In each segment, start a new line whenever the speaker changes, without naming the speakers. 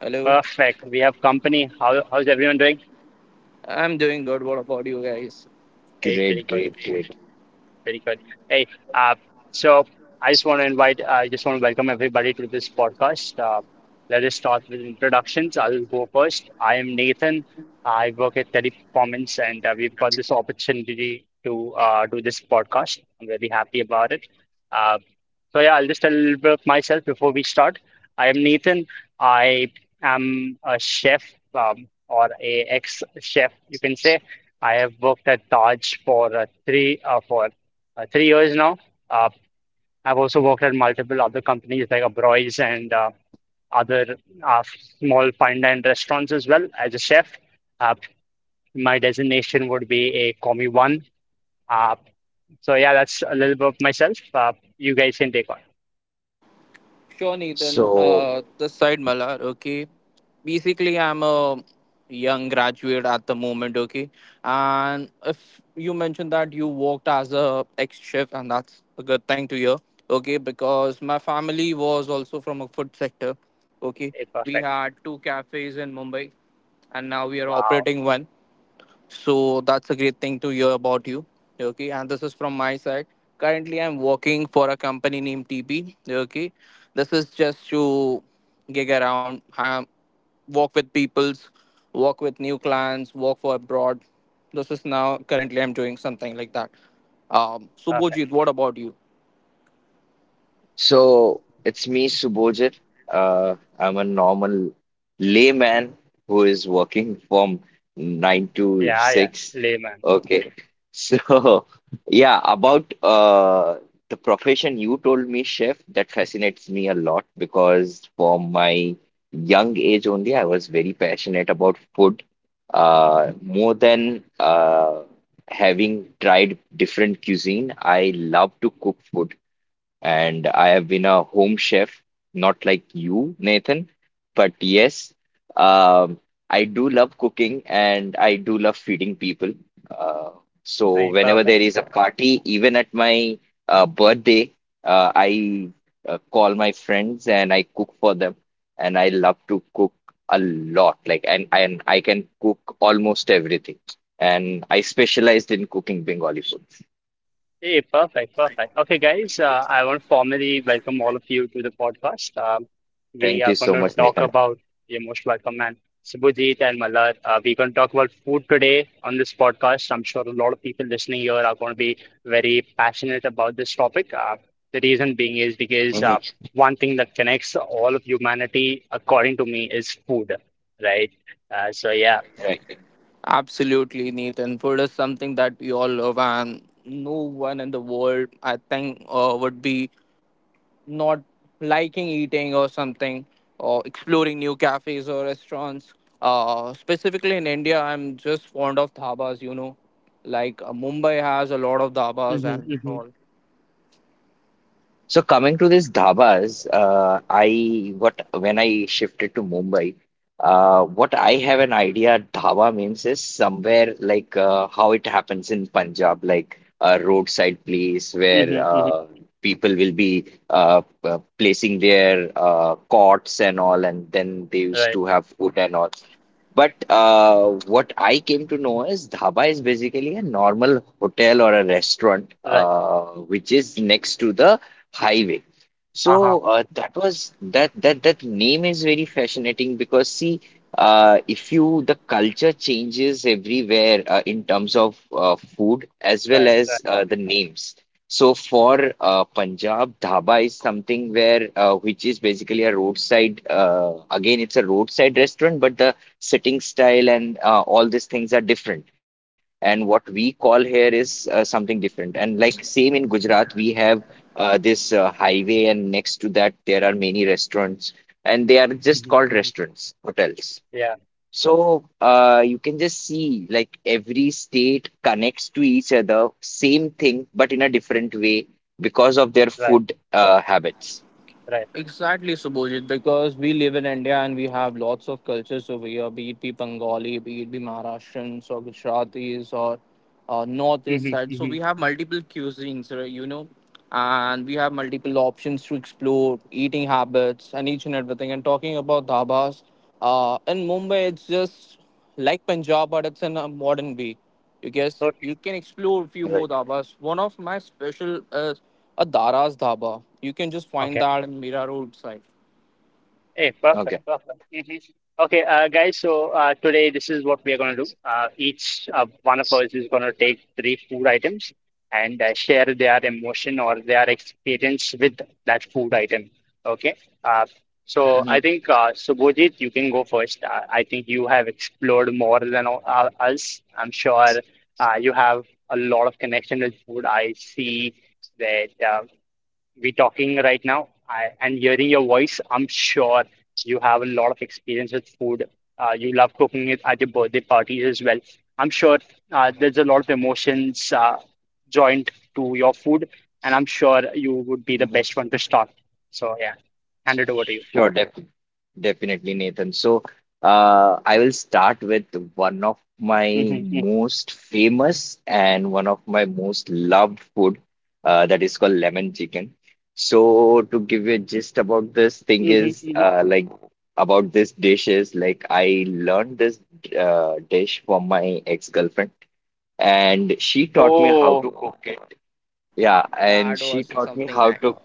Hello,
perfect. We have company. How's everyone doing?
I'm doing good. What about you guys?
Hey, pretty
Great,
good,
great, great.
pretty good. Hey, uh, so I just want to welcome everybody to this podcast. Let us start with introductions. I'll go first. I am Nathan. I work at Teleperformance, and we've got this opportunity to do this podcast. I'm very happy about it. Uh, So yeah, I'll just tell about myself before we start. I am Nathan. I am a chef or a ex-chef, you can say. I have worked at Taj for 3 years now. Uh, I've also worked at multiple other companies like Abroys and other small fine dine restaurants as well as a chef. Uh, my designation would be a Commie One. Uh, so yeah, that's a little bit of myself. You guys can take on.
Sure, Nathan.
So,
This side, Malar. Okay, basically, I'm a young graduate at the moment. Okay, and if you mentioned that you worked as a ex chef, and that's a good thing to hear. Okay, because my family was also from a food sector. Okay,
It's
we
perfect.
had two cafes in Mumbai, and now we are
Wow.
operating one. So that's a great thing to hear about you. Okay, and this is from my side. Currently, I'm working for a company named TP. Okay, this is just to gig around, walk with peoples, walk with new clients, walk for abroad. This is now currently I'm doing something like that.
Perfect.
Subhojit, what about you?
So it's me, Subojit. I'm a normal layman who is working from nine to
Yeah, yeah.
six.
Layman.
Okay. So, yeah, about the profession you told me, chef, that fascinates me a lot because from my young age only, I was very passionate about food. More than Having tried different cuisine, I love to cook food and I have been a home chef, not like you, Nathan, but yes, um, I do love cooking and I do love feeding people. Uh, so
I
whenever
perfect,
there is a
perfect.
party, even at my birthday, I call my friends and I cook for them, and I love to cook a lot. And I can cook almost everything. And I specialized in cooking Bengali foods.
Hey, perfect, perfect. Okay, guys, I want to formally welcome all of you to the podcast. We
Thank
are
you
going
so
to
much,
talk
Nathan.
about the emotional welcome and Subhajit and Malar. We're going to talk about food today on this podcast. I'm sure a lot of people listening here are going to be very passionate about this topic. The reason being is because
Mhm.
one thing that connects all of humanity, according to me, is food, right? So, yeah.
Right.
Absolutely, Nathan. Food is something that we all love, and no one in the world, I think, would be not liking eating or something or exploring new cafes or restaurants specifically in India. I'm just fond of dhabas, you know, like Mumbai has a lot of dhabas and
Hmm.
all.
So coming to these dhabas, I what when I shifted to Mumbai, what I have an idea dhaba means is somewhere like how it happens in Punjab, like a roadside place where
Hmm. Hmm.
people will be placing their cots and all, and then they used
Right,
to have food and all. But what I came to know is dhaba is basically a normal hotel or a restaurant,
right.
which is next to the highway.
Uh-huh.
So that was that that that name is very fascinating because see, if you the culture changes everywhere in terms of food as well
Right, right.
as the names. So for Punjab, dhaba is something where which is basically a roadside. Again, it's a roadside restaurant, but the sitting style and all these things are different. And what we call here is something different. And like same in Gujarat, we have this highway, and next to that, there are many restaurants, and they are just
Mm-hmm,
called
hmm.
restaurants, hotels.
Yeah,
So you can just see like every state connects to each other, same thing, but in a different way because of their
right,
food habits.
right.
Exactly, Subhojit, because we live in India and we have lots of cultures over here, be it be Bengali, be it be Maharashtrians or Gujaratis or
Mm-hmm,
Northeast side. So
mm-hmm.
we have multiple cuisines, right, you know, and we have multiple options to explore, eating habits and each and everything. And talking about dhabas, in Mumbai, it's just like Punjab, but it's in a modern way. You guess
Okay,
you can explore a few more
Right.
dhabas. One of my special is a Dara's dhaba. You can just find
okay.
that in Mira Road side.
Hey, perfect,
Okay.
perfect. Mhm. Okay, guys, so today this is what we are going to do. Each one of us is going to take three food items and share their emotion or their experience with that food item. Okay, uh, so I
Mhm.
think Subhojit, you can go first. I think you have explored more than us. I'm sure you have a lot of connection with food. I see that. We talking right now. And hearing your voice, I'm sure you have a lot of experience with food. You love cooking it at your birthday parties as well. I'm sure there's a lot of emotions joined to your food, and I'm sure you would be the
Mhm.
best one to start. So yeah, hand it over to you.
Sure, definitely. Definitely, Nathan. So, I will start with one of my
Hmm.
most famous and one of my most loved food, that is called lemon chicken. So, to give you a gist about this thing
Hmm.
is,
Hmm.
like about this dish is like I learned this dish from my ex-girlfriend, and she taught me how
Oh,
to cook it. Yeah, and
That
she
was
taught me
something
how
nice.
to.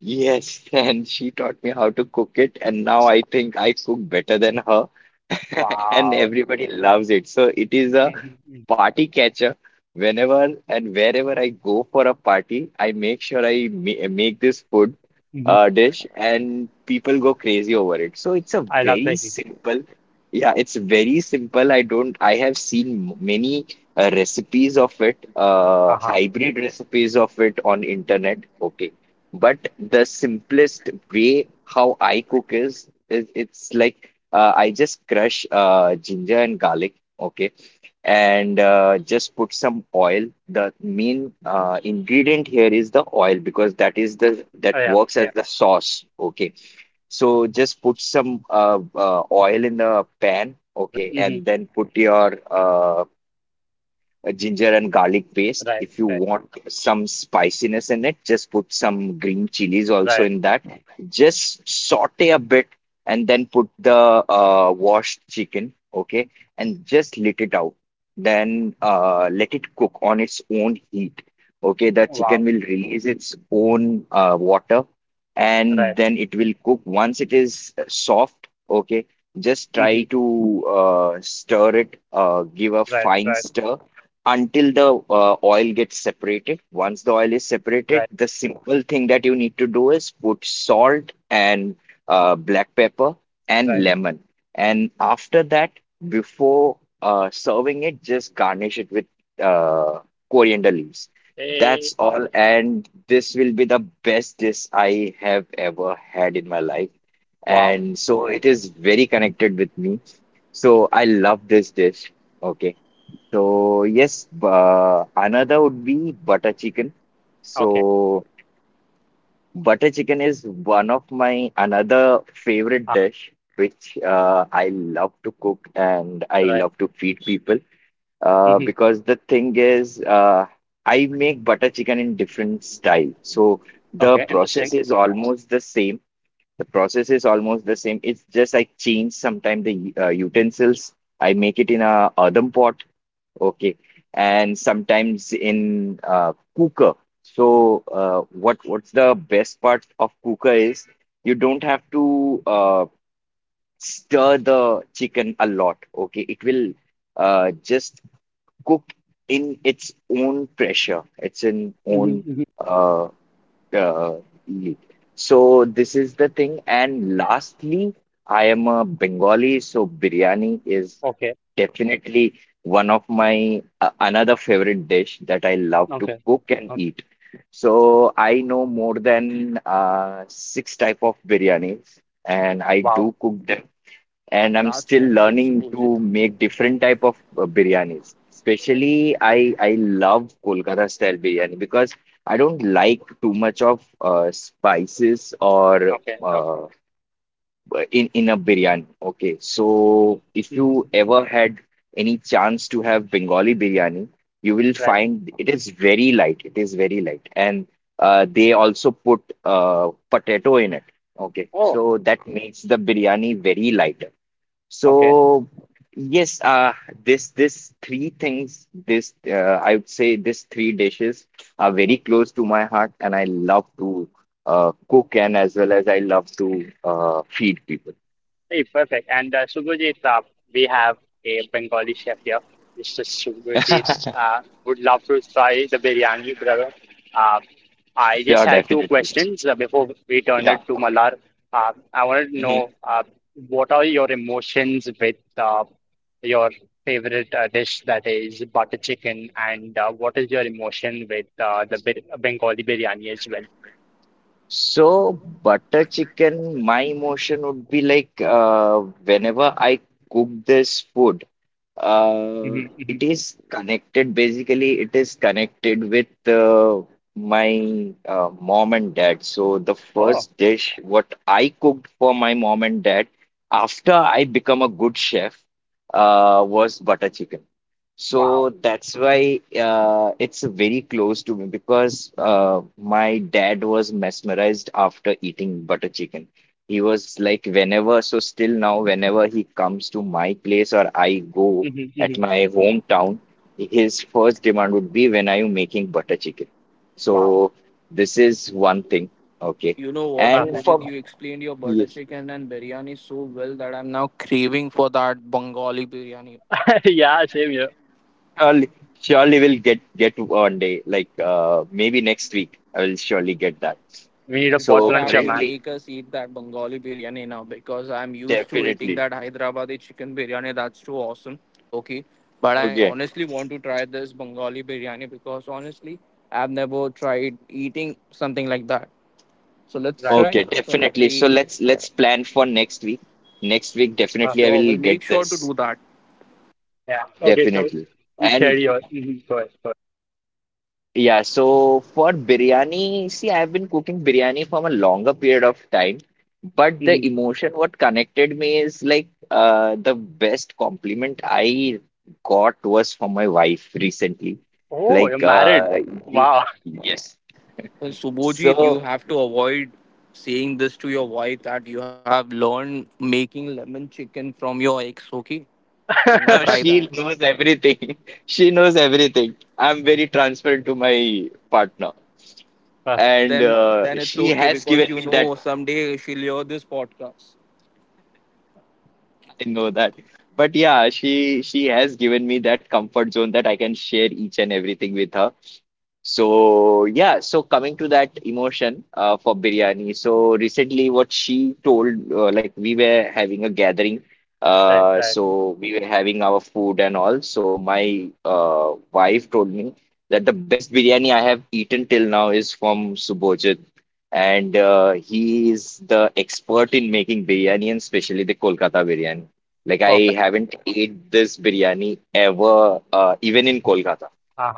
Yes, and she taught me how to cook it, and now I think I cook better than her, and
wow.
everybody loves it. So it is a
Hmm.
party catcher. Whenever and wherever I go for a party, I make sure I ma make this food
Hmm.
dish and people go crazy over it. So it's a
I love
very
the heat.
simple, yeah, it's very simple. I don't, I have seen many recipes of it,
Uh-huh.
hybrid recipes of it on internet. Okay. But the simplest way how I cook is it's like I just crush ginger and garlic.
Oh, yeah,
Okay,
yeah.
and just put some oil. The main
Hmm. Hmm.
ingredient here is the oil because that works as the sauce. Okay,
Right.
so just put some oil in the pan.
Hmm.
Okay, and then put your a ginger and garlic paste.
Right,
If you
right,
want some spiciness in it, just put some green chilies also
right.
in that. Just saute a bit and then put the washed chicken, okay, and just
Okay.
let it out. Then let it cook on its own heat. Okay, the
Wow.
chicken will release its own water and
Right.
then it will cook. Once it is soft, okay, just
Hmm.
try to stir it, give a
Right.
fine
Right.
stir until the oil gets separated. Once the oil is
Right.
separated, the simple thing that you need to do is put salt and black pepper
Right.
and lemon. And after that, before serving it, just garnish it with uh, coriander leaves.
Eh,
That's all. And this will be the best dish I have ever had in my life.
wow.
And so it is very connected with me. So I love this dish. Okay. So yes, another would be butter chicken.
Okay.
So butter chicken is one of my another favorite
Ah,
dish, which I love to cook and I
right.
love to feed people.
Hmm.
Because the thing is, I make butter chicken in different style. So the
Okay. Interesting.
process is almost the same. The process is almost the same. It's just I change sometimes the utensils. I make it in a earthen pot. Okay. And sometimes in cooker. So what's the best part of cooker is you don't have to stir the chicken a lot. Okay. It will just cook in its own pressure, its in
Hmm.
own
Hmm.
uh, uh, ye- so this is the thing. And lastly, I am a Bengali, so biryani is
Okay.
definitely one of my another favorite dish that I love to
Okay.
cook and
Okay.
eat. So I know more than six type of biryanis, and I
Wow.
do cook them and I'm
That's
still
awesome,
learning
Subhojit.
to make different type of biryanis. Especially, I love Kolkata style biryani because I don't like too much of spices or
Okay. Okay.
uh, in a biryani. Okay, so if you
Mhm.
ever had any chance to have Bengali biryani, you will
Right.
find it is very light. It is very light, and they also put potato in it. Okay,
Oh.
so that makes the biryani very light.
Okay.
So yes, this this three things, this I would say these three dishes are very close to my heart, and I love to cook, and as well as I love to feed people.
Hey, perfect. And Subhajit, we have a Bengali chef here, Mr. Subhajit. Would love to try the biryani, brother. Uh, I just
Sure,
had two
definitely.
questions before we turn
Yeah.
it to Malar. I wanted to
Mhm.
know what are your emotions with your favorite dish that is butter chicken, and what is your emotion with the bir Bengali biryani as well?
So butter chicken, my emotion would be like whenever I cook this food. Uh,
Hmm. Hmm.
it is connected with my mom and dad. So, the
Oh,
first dish what I cooked for my mom and dad after I become a good chef was butter chicken.
wow.
So that's why it's very close to me because my dad was mesmerized after eating butter chicken. He was like, whenever, so still now, whenever he comes to my place or I go,
Hmm.
at
Hmm.
my hometown, his first demand would be, when are you making butter chicken?
Wow.
So this is one thing. Okay.
You know what,
And
Perfect.
Subhojit?
for
You explained your butter
yes,
chicken and biryani so well that I'm now craving for that Bengali biryani.
Yeah, same here.
surely, surely we'll get one day, like maybe next week, I will surely get that.
We need a
You
pot
So
sure have
luncher,
to
man.
currently,
make us eat that Bengali biryani now because I'm used to eating
definitely.
that Hyderabadi chicken biryani. That's too awesome. Okay. But I
Okay.
honestly want to try this Bengali biryani because honestly, I've never tried eating something like that. So let's
Right.
try
Okay, definitely.
something.
So let's plan for next week. Next week, definitely I
Perfect.
Sure, we'll
will
make
get
sure to do
this.
that.
Yeah. Okay, so
Definitely.
you share
And
yours. Mm-hmm. Go ahead. Go ahead.
yeah, so for biryani, see, I've been cooking biryani from a longer period of time, but the
Hmm.
emotion what connected me is like the best compliment I got was from my wife recently.
Oh, you're
Like,
married.
uh, you,
Wow.
yes.
Well, Subhojit, you
So,
have to avoid saying this to your wife that you have learned making lemon chicken from your ex. Okay, she will not
so
try
Perfect.
that.
she knows everything. She knows everything. I'm very transparent to my partner, and
then then it's
she
okay
has given
because you
me that,
know someday she'll hear this podcast.
I know that. But yeah, she has given me that comfort zone that I can share each and everything with her. So yeah, so coming to that emotion for biryani. So recently, what she told, like we were having a gathering,
Right, right.
so we were having our food and all. So my wife told me that the best biryani I have eaten till now is from Subhojit, and he is the expert in making biryani and especially the Kolkata biryani. Like I
Perfect.
haven't ate this biryani ever, even in Kolkata.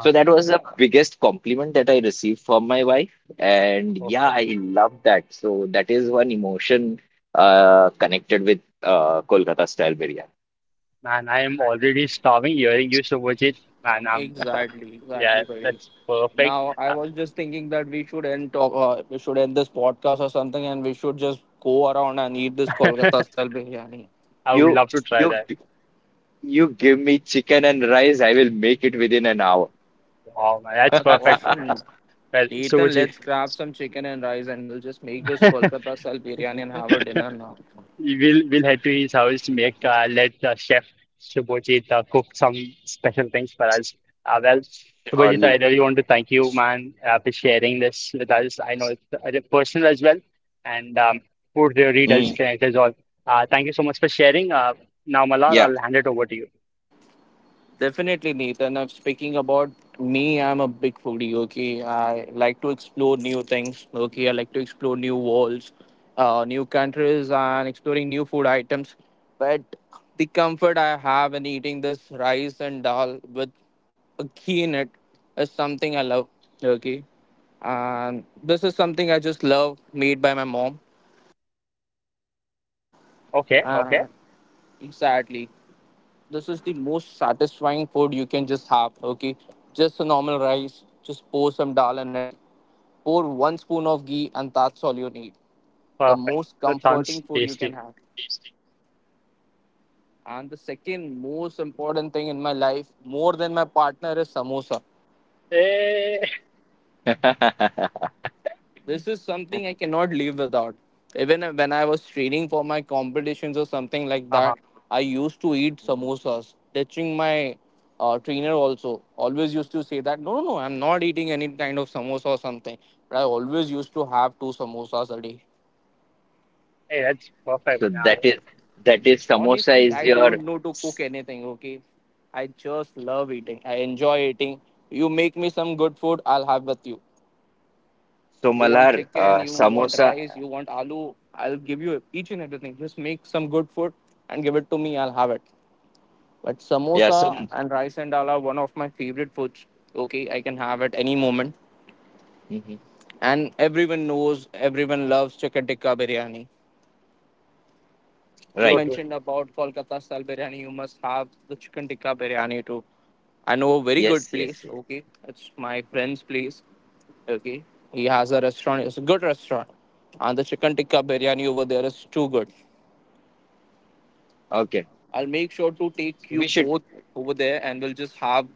So that was the biggest compliment that I received from my wife. And yeah,
Perfect.
I love that. So that is one emotion connected with Kolkata style biryani.
Man, I am already starving hearing you, Man, I'm,
Exactly,
yeah,
exactly, buddy.
that's perfect.
Now I was just thinking that we should end talk, we should end this podcast or something, and we should just go around and eat this Kolkata style biryani.
I would
You
love to try
you
that.
g- you give me chicken and rice, I will make it within an hour.
Wow, man, that's
That's
perfect.
awesome.
Well, so
Nathan, let's grab some chicken and rice, and we'll just make this Kolkata style biryani and have a dinner now.
We'll head to his house to make let Chef Subhojit cook some special things for us. Uh, well, Subhojit, I
Surely.
really want to thank you, man, for sharing this with us. I know it's personal as well, and food really does
Mm,
connect us all. Thank you so much for sharing. Now, Malar,
yeah.
I'll hand it over to you.
Definitely, Nathan. I'm speaking about me. I'm a big foodie. Okay, I like to explore new things. Okay, I like to explore new worlds, new countries, and exploring new food items. But the comfort I have in eating this rice and dal with a ghee in it is something I love. Okay, and this is something I just love, made by my mom.
Okay, okay,
Uh, exactly. This is the most satisfying food you can just have. Okay, just a normal rice, just pour some dal in it, pour one spoon of ghee, and that's all you need. The
perfect.
most
That sounds
comforting food you can
tasty.
have. And the second most important thing in my life more than my partner is samosa.
Hey,
This is something I cannot live without. Even when I was training for my competitions or something like
uh-huh.
that, I used to eat
Mm.
samosas. Teaching my trainer also always used to say that no, no, no, I'm not eating any kind of samosa or something. But I always used to have two samosas a day.
Hey, that's
So
perfect, man. I
that is samosa
Honestly,
is
I
your
don't know to cook
s-
anything. Okay, I just love eating. I enjoy eating. You make me some good food, I'll have with you. You want
somalar
chicken, you want
samosa.
rice, you want aloo. I'll give you each and everything. Just make some good food and give it to me. I'll have it. But
Yeah,
samosa
some
and rice and dal are one of my favorite foods. Okay, I can have at any moment.
mhm.
And everyone knows, everyone loves chicken tikka biryani. You
so
Right.
too
mentioned about Kolkata style biryani. You must have the chicken tikka biryani too. I know a very
Yes,
good
yes,
place.
yes.
Okay, it's my friend's place. Okay, he has a restaurant. It's a good restaurant, and the chicken tikka biryani over there is too good.
Okay.
I'll make sure to take
So
you
we should
both over there, and we'll just have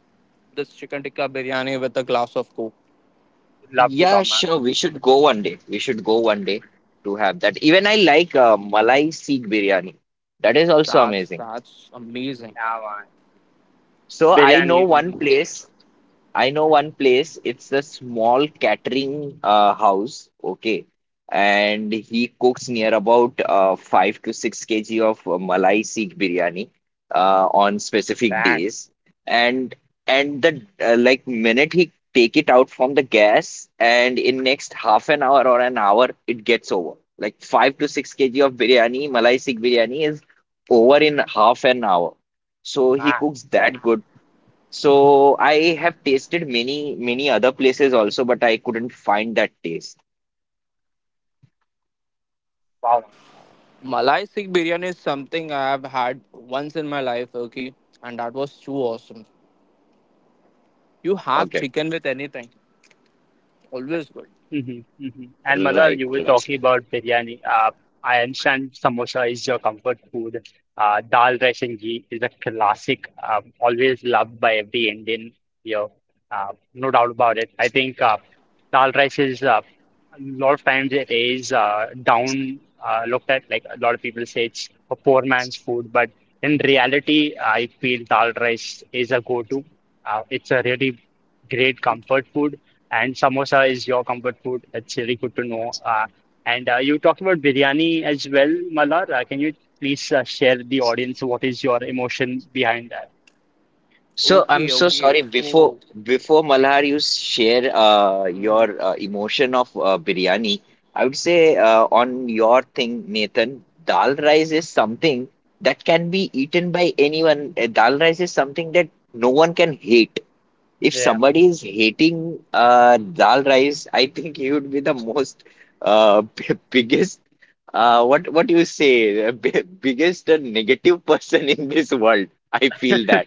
this chicken tikka biryani with a glass of coke.
would love to
yeah,
come, man.
sure. We should go one day. We should go one day to have that. Even I like Malai Sikh biryani. That is also amazing.
That's amazing.
Yeah, man.
So I know
Biryani,
one
mm,
place. I know one place. It's a small catering house. Okay. And he cooks near about 5 to 6 kg of Malai Sikh biryani on specific
bang,
days. And and the like minute he take it out from the gas, and in next half an hour or an hour it gets over. Like 5 to 6 kg of biryani, Malai Sikh biryani is over in half an hour. So he
man.
cooks that good, so I have tasted many, many other places also, but I couldn't find that taste.
Wow.
Malai Sikh biryani is something I have had once in my life. Okay, and that was too awesome. You have
Okay.
chicken with anything. Always good.
Mm-hmm, hmm. And Madhur,
Right,
you
right.
were
Right.
talking about biryani. I understand samosa is your comfort food. Dal rice and ghee is a classic, always loved by every Indian here. No doubt about it. I think dal rice is a lot of times it is down looked at. Like a lot of people say it's a poor man's food, but in reality, I feel dal rice is a go-to. It's a really great
It's
comfort food and samosa is your comfort food. That's really good to know. And you talked about biryani as well, Malar. Can you please share with the audience what is your emotion behind that?
So I'm
okay,
so
okay.
sorry.
It's
Before
oh,
before Malhar, you share
mhm.
your emotion of biryani. I would say on your thing, Nathan, dal rice is something that can be eaten by anyone. Dal rice is something that no one can hate. If
Yeah,
somebody is hating dal rice, I think he would be the most biggest what do you say b- biggest negative person in this world. I feel that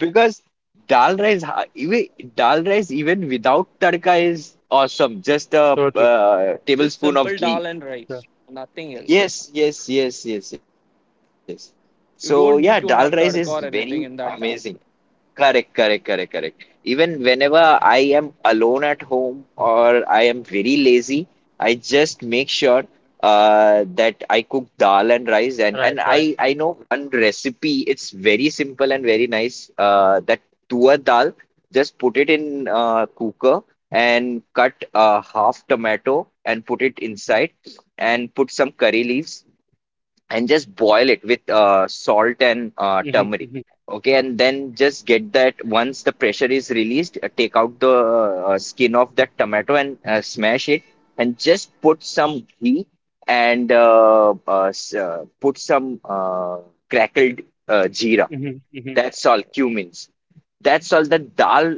because dal rice ha- even dal rice even without tadka is awesome. Just a
so true. So.
Just
tablespoon of
simple
ghee.
dal and rice. Nothing else.
Yes, yes, yes, yes, yes. So yeah, dal
You
rice
don't
is
need to have
very
tadka or anything
amazing.
in that dal.
Correct, correct, correct, correct. Even whenever I am alone at home or I am very lazy, I just make sure that I cook dal and rice. And,
Right,
and
right.
I, I know one recipe, it's very simple and very nice. That tua dal, just put it in cooker and cut half tomato and put it inside and put some curry leaves and just boil it with salt and
Mm-hmm,
turmeric.
mm-hmm,
Okay, and then just get that once the pressure is released, take out the skin of that tomato and smash it, and just put some ghee and put some crackled jeera.
mm-hmm, mm-hmm.
That's all, cumins. That's all. The dal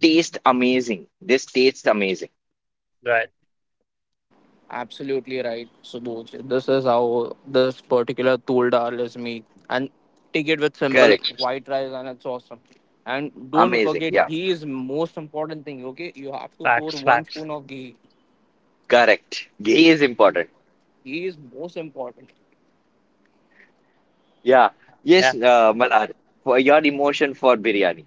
tastes amazing. This tastes amazing.
Right.
Absolutely right. So this is how this particular tool dal is made. And take it with simple
Correct.
white rice and it's awesome. And don't
Amazing.
forget,
Yeah.
ghee is most important thing, okay? You have to pour
Facts,
one
facts.
spoon of ghee.
Correct. Ghee is important.
Ghee is most important.
Yeah. Yes,
Yeah.
Malad for your emotion for biryani.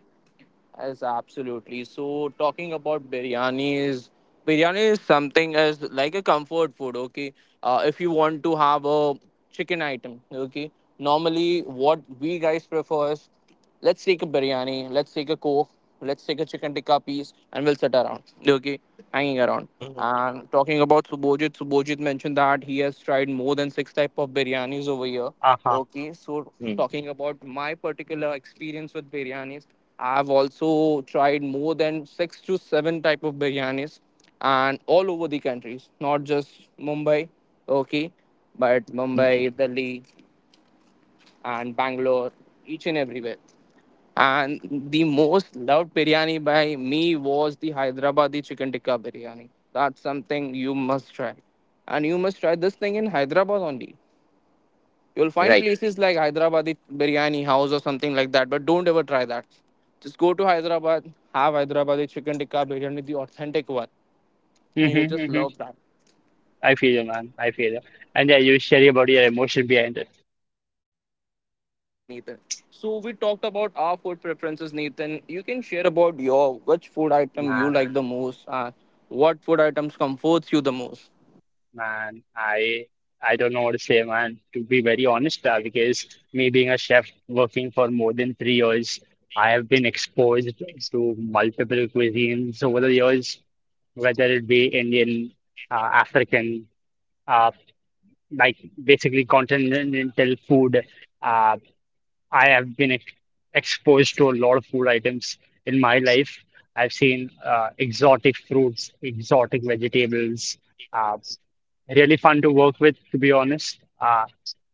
Yes, absolutely. So talking about biryanis, biryani is something as like a comfort food. Okay, if you want to have a chicken item, okay. Normally, what we guys prefer is, let's take a biryani, let's take a coke, let's take a chicken tikka piece, and we'll sit around. Okay, hanging around.
Mhm.
And talking about Subojit, Subojit mentioned that he has tried more than six type of biryanis over here.
Uh-huh.
Okay, so
Mm.
talking about my particular experience with biryanis, I've also tried more than six to seven type of biryanis, and all over the countries, not just Mumbai, okay, but Mumbai,
Mhm.
Delhi, and Bangalore, each and everywhere. And the most loved biryani by me was the Hyderabadi chicken tikka biryani. That's something you must try, and you must try this thing in Hyderabad only. You'll find
Right.
places like Hyderabadi biryani house or something like that, but don't ever try that. Just go to Hyderabad, have Hyderabadi chicken tikka biryani, the authentic one, and you'll
Mm-hmm,
just
mm-hmm.
love that.
I feel you, man. I feel you. And yeah, you share about your emotion behind it.
Exactly, Nathan. So we talked about our food preferences, Nathan. You can share about your which food item you
Man.
like the most and what food items comforts you the most.
Man, I don't know what to say, man. To be very honest, because me being a chef working for more than 3 years, I have been exposed to multiple cuisines over the years, whether it be Indian, African, uh, like basically continental food. Uh, I have been ex exposed to a lot of food items in my life. I've seen exotic fruits, exotic vegetables. Uh, Really fun to work with, to be honest.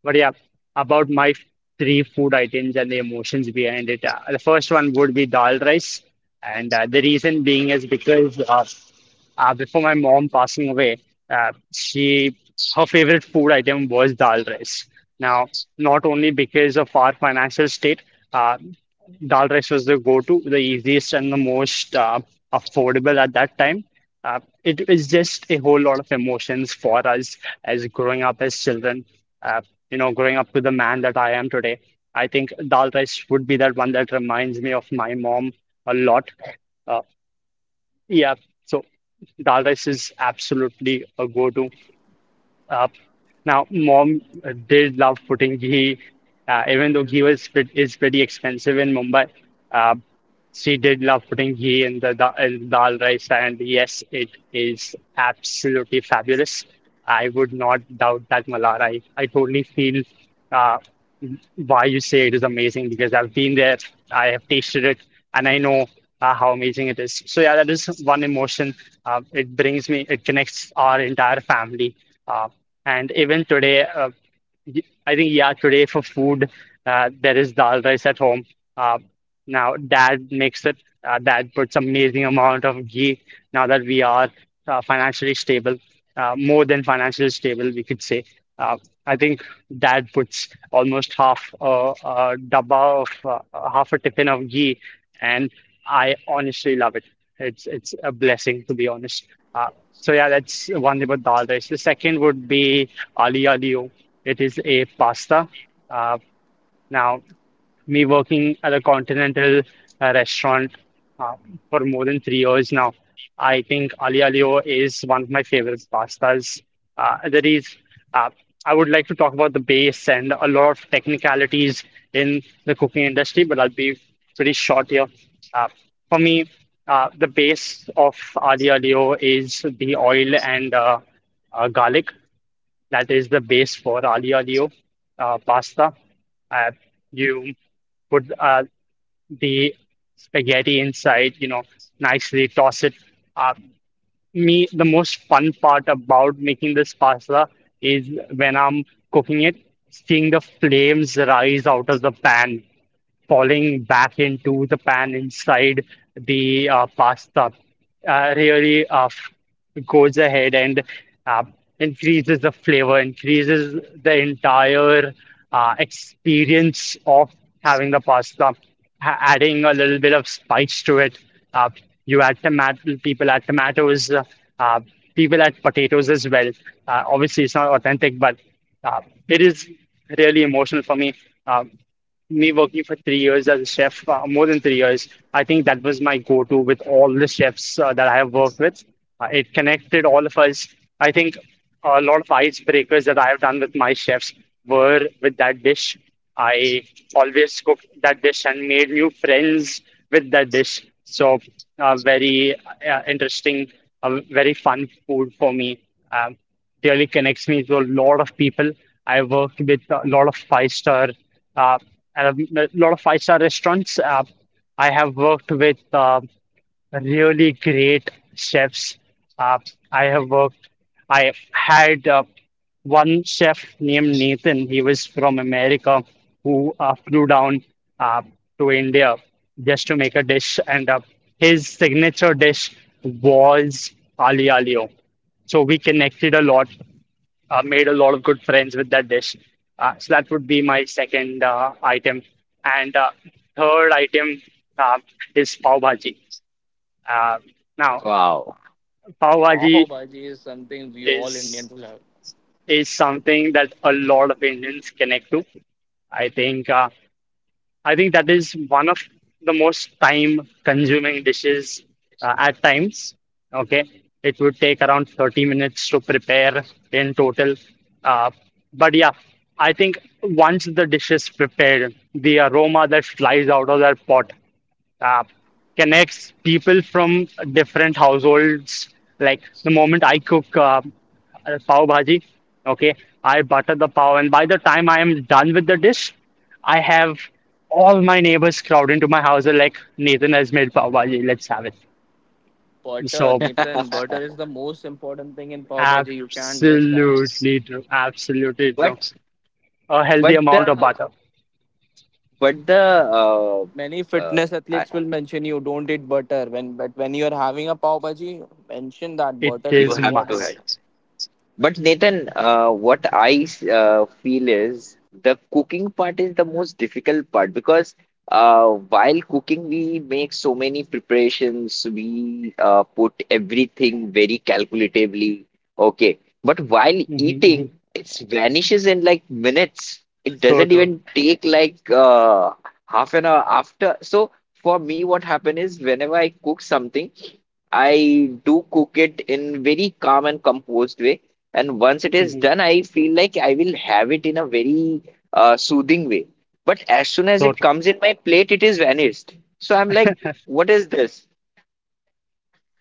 But yeah, about my three food items and the emotions behind it. The first one would be dal rice, and the reason being is because before my mom passing away, she her favorite food item was dal rice. Now, not only because of our financial state. Uh, Dal rice was the go-to, the easiest and the most affordable at that time. It was just a whole lot of emotions for us as growing up as children. Uh, you know, growing up to the man that I am today, I think dal rice would be that one that reminds me of my mom a lot. Uh, yeah, so dal rice is absolutely a go-to. Uh, Now, mom did love putting ghee, even though ghee was is pretty expensive in Mumbai. Uh, she did love putting ghee in the da in dal rice, and yes, it is absolutely fabulous. I would not doubt that, Malar. I totally feel uh, why you say it is amazing because I've been there, I have tasted it, and I know how amazing it is. So yeah, that is one emotion. It brings me, it connects our entire family. Uh, and even today, I think yeah, today for food, there is dal rice at home. Uh, Now dad makes it. Dad puts amazing amount of ghee. Now that we are financially stable, more than financially stable, we could say. Uh, I think dad puts almost a dabba of half a tiffin of ghee, and I honestly love it. It's a blessing to be honest. Uh, so yeah, that's one about dal rice. The second would be ali alio. It is a pasta. Uh, now, Me working at a continental restaurant uh, for more than 3 years now, I think Ali Alio is one of my favorite pastas. Uh, there is, uh, I would like to talk about the base and a lot of technicalities in the cooking industry, but I'll be pretty short here. Uh, for me, the base of Ali Alio is the oil and garlic. That is the base for Ali olio pasta. Uh, you put the spaghetti inside, you know, nicely toss it. Uh, Me, the most fun part about making this pasta is when I'm cooking it, seeing the flames rise out of the pan falling back into the pan inside the pasta really goes ahead and uh, increases the flavor, increases the entire experience of having the pasta, adding a little bit of spice to it. Uh, you add tomato, people add tomatoes, uh, people add potatoes as well. Obviously, it's not authentic, but uh, it is really emotional for me. Uh, Me working for 3 years as a chef, more than 3 years, I think that was my go-to with all the chefs that I have worked with. It connected all of us. I think a lot of icebreakers that I have done with my chefs were with that dish. I always cooked that dish and made new friends with that dish. So, very interesting, very fun food for me. Um, Really connects me to a lot of people. I worked with a lot of uh, five-star restaurants. I have worked with really great chefs. Uh, I have worked, I had one chef named Nathan. He was from America who flew down uh, to India just to make a dish, and his signature dish was ali alio. So we connected a lot, made a lot of good friends with that dish. So that would be my second item. And third item uh, is pav bhaji. Uh, now,
Wow.
Pav
Pav
bhaji
bhaji is something we all
is
Indians love.
is something that a lot of Indians connect to. I think uh, I think that is one of the most time-consuming dishes at times. Okay, it would take around 30 minutes to prepare in total. Uh, but yeah, I think once the dish is prepared, the aroma that flies out of that pot uh, connects people from different households. Like the moment I cook pav bhaji, okay, I butter the pav, and by the time I am done with the dish, I have all my neighbors crowd into my house. They like, Nathan has made pav bhaji, let's have it.
Butter,
So,
Nathan, butter is the most important thing in pav bhaji. You can't miss that.
absolutely true, absolutely true.
But
A healthy
but
amount of
the
butter,
but the uh,
Many
uh,
fitness
I-
athletes will mention you don't eat butter when but when you're having a pav bhaji, mention that
it
butter is
you
is
have to
important.
have.
must.
But Nathan, what I feel is the cooking part is the most difficult part because uh, while cooking, we make so many preparations. We put everything very calculatively. Okay. But while
Mhm, mhm.
eating, it vanishes in like minutes. It
So
doesn't
true.
even take like half an hour after. So for me, what happened is whenever I cook something, I do cook it in very calm and composed way. And once it is
Hmm,
done, I feel like I will have it in a very soothing way. But as soon as
so
it
true.
comes in my plate, it is vanished. So I'm like, what is this?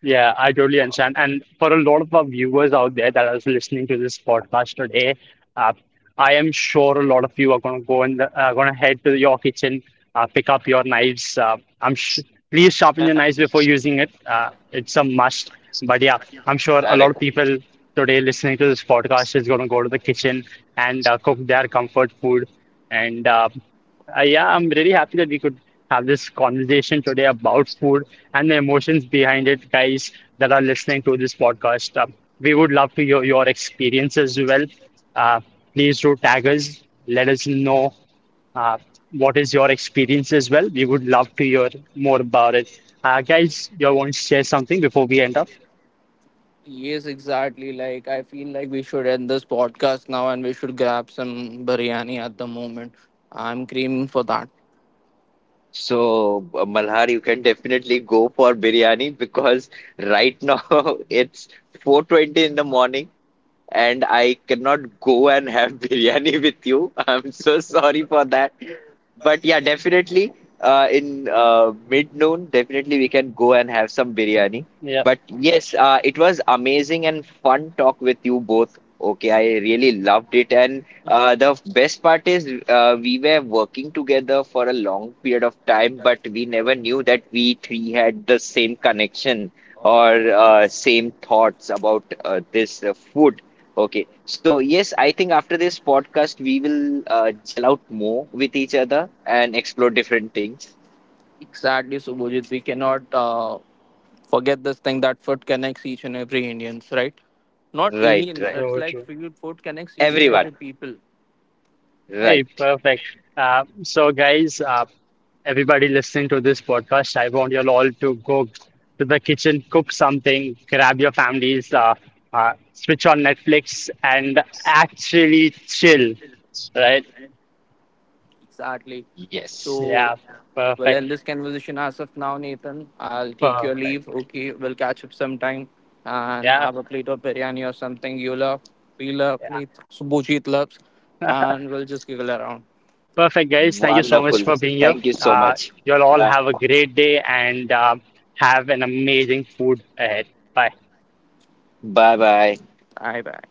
Yeah, I totally understand. And for a lot of our viewers out there that are listening to this podcast today, uh, I am sure a lot of you are going to go and going to head to your kitchen, pick up your knives. I'm sh Please sharpen your knives before using it. It's a must. But yeah, I'm sure a lot of
Correct.
people today listening to this podcast is going to go to the kitchen and cook their comfort food. And yeah, I'm really happy that we could have this conversation today about food and the emotions behind it, guys that are listening to this podcast. We would love to hear your experience as well. Uh, Please do tag us. Let us know uh, what is your experience as well. We would love to hear more about it. Guys, you want to share something before we end up?
Yes, exactly. Like I feel like we should end this podcast now and we should grab some biryani at the moment. I'm craving for that.
So, Malhar, you can definitely go for biryani because right now it's 4:20 in the morning and I cannot go and have biryani with you. I'm so sorry for that. But yeah, definitely in mid noon, definitely we can go and have some biryani.
Yeah,
But yes, it was amazing and fun talk with you both. Okay, I really loved it. And the best part is we were working together for a long period of time, but we never knew that we three had the same connection or same thoughts about this food. Okay. So, yes, I think after this podcast, we will gel out more with each other and explore different things.
Exactly, Subhujit. We cannot forget this thing that food connects each and every Indians, right? Not
Right,
Indians.
right.
It's
so
like
true.
food connects each and
Everyone.
every people.
Hey,
Right.
perfect. So, guys, everybody listening to this podcast, I want you all to go to the kitchen, cook something, grab your families, switch on Netflix, and actually chill, right?
Exactly.
Yes.
So,
Yeah,
we'll
perfect,
end this conversation as of now, Nathan. I'll take your leave.
perfect.
Okay, we'll catch up sometime and
Yeah,
have a plate of biryani or something you love, we love,
yeah,
Nathan. So, Bujit loves, and we'll just giggle around.
perfect, guys. Thank you so much
Wonderful.
for being here.
Thank you so much.
You'll all
Yeah.
have a great day and have an amazing food ahead. Bye.
Bye bye.
Bye bye.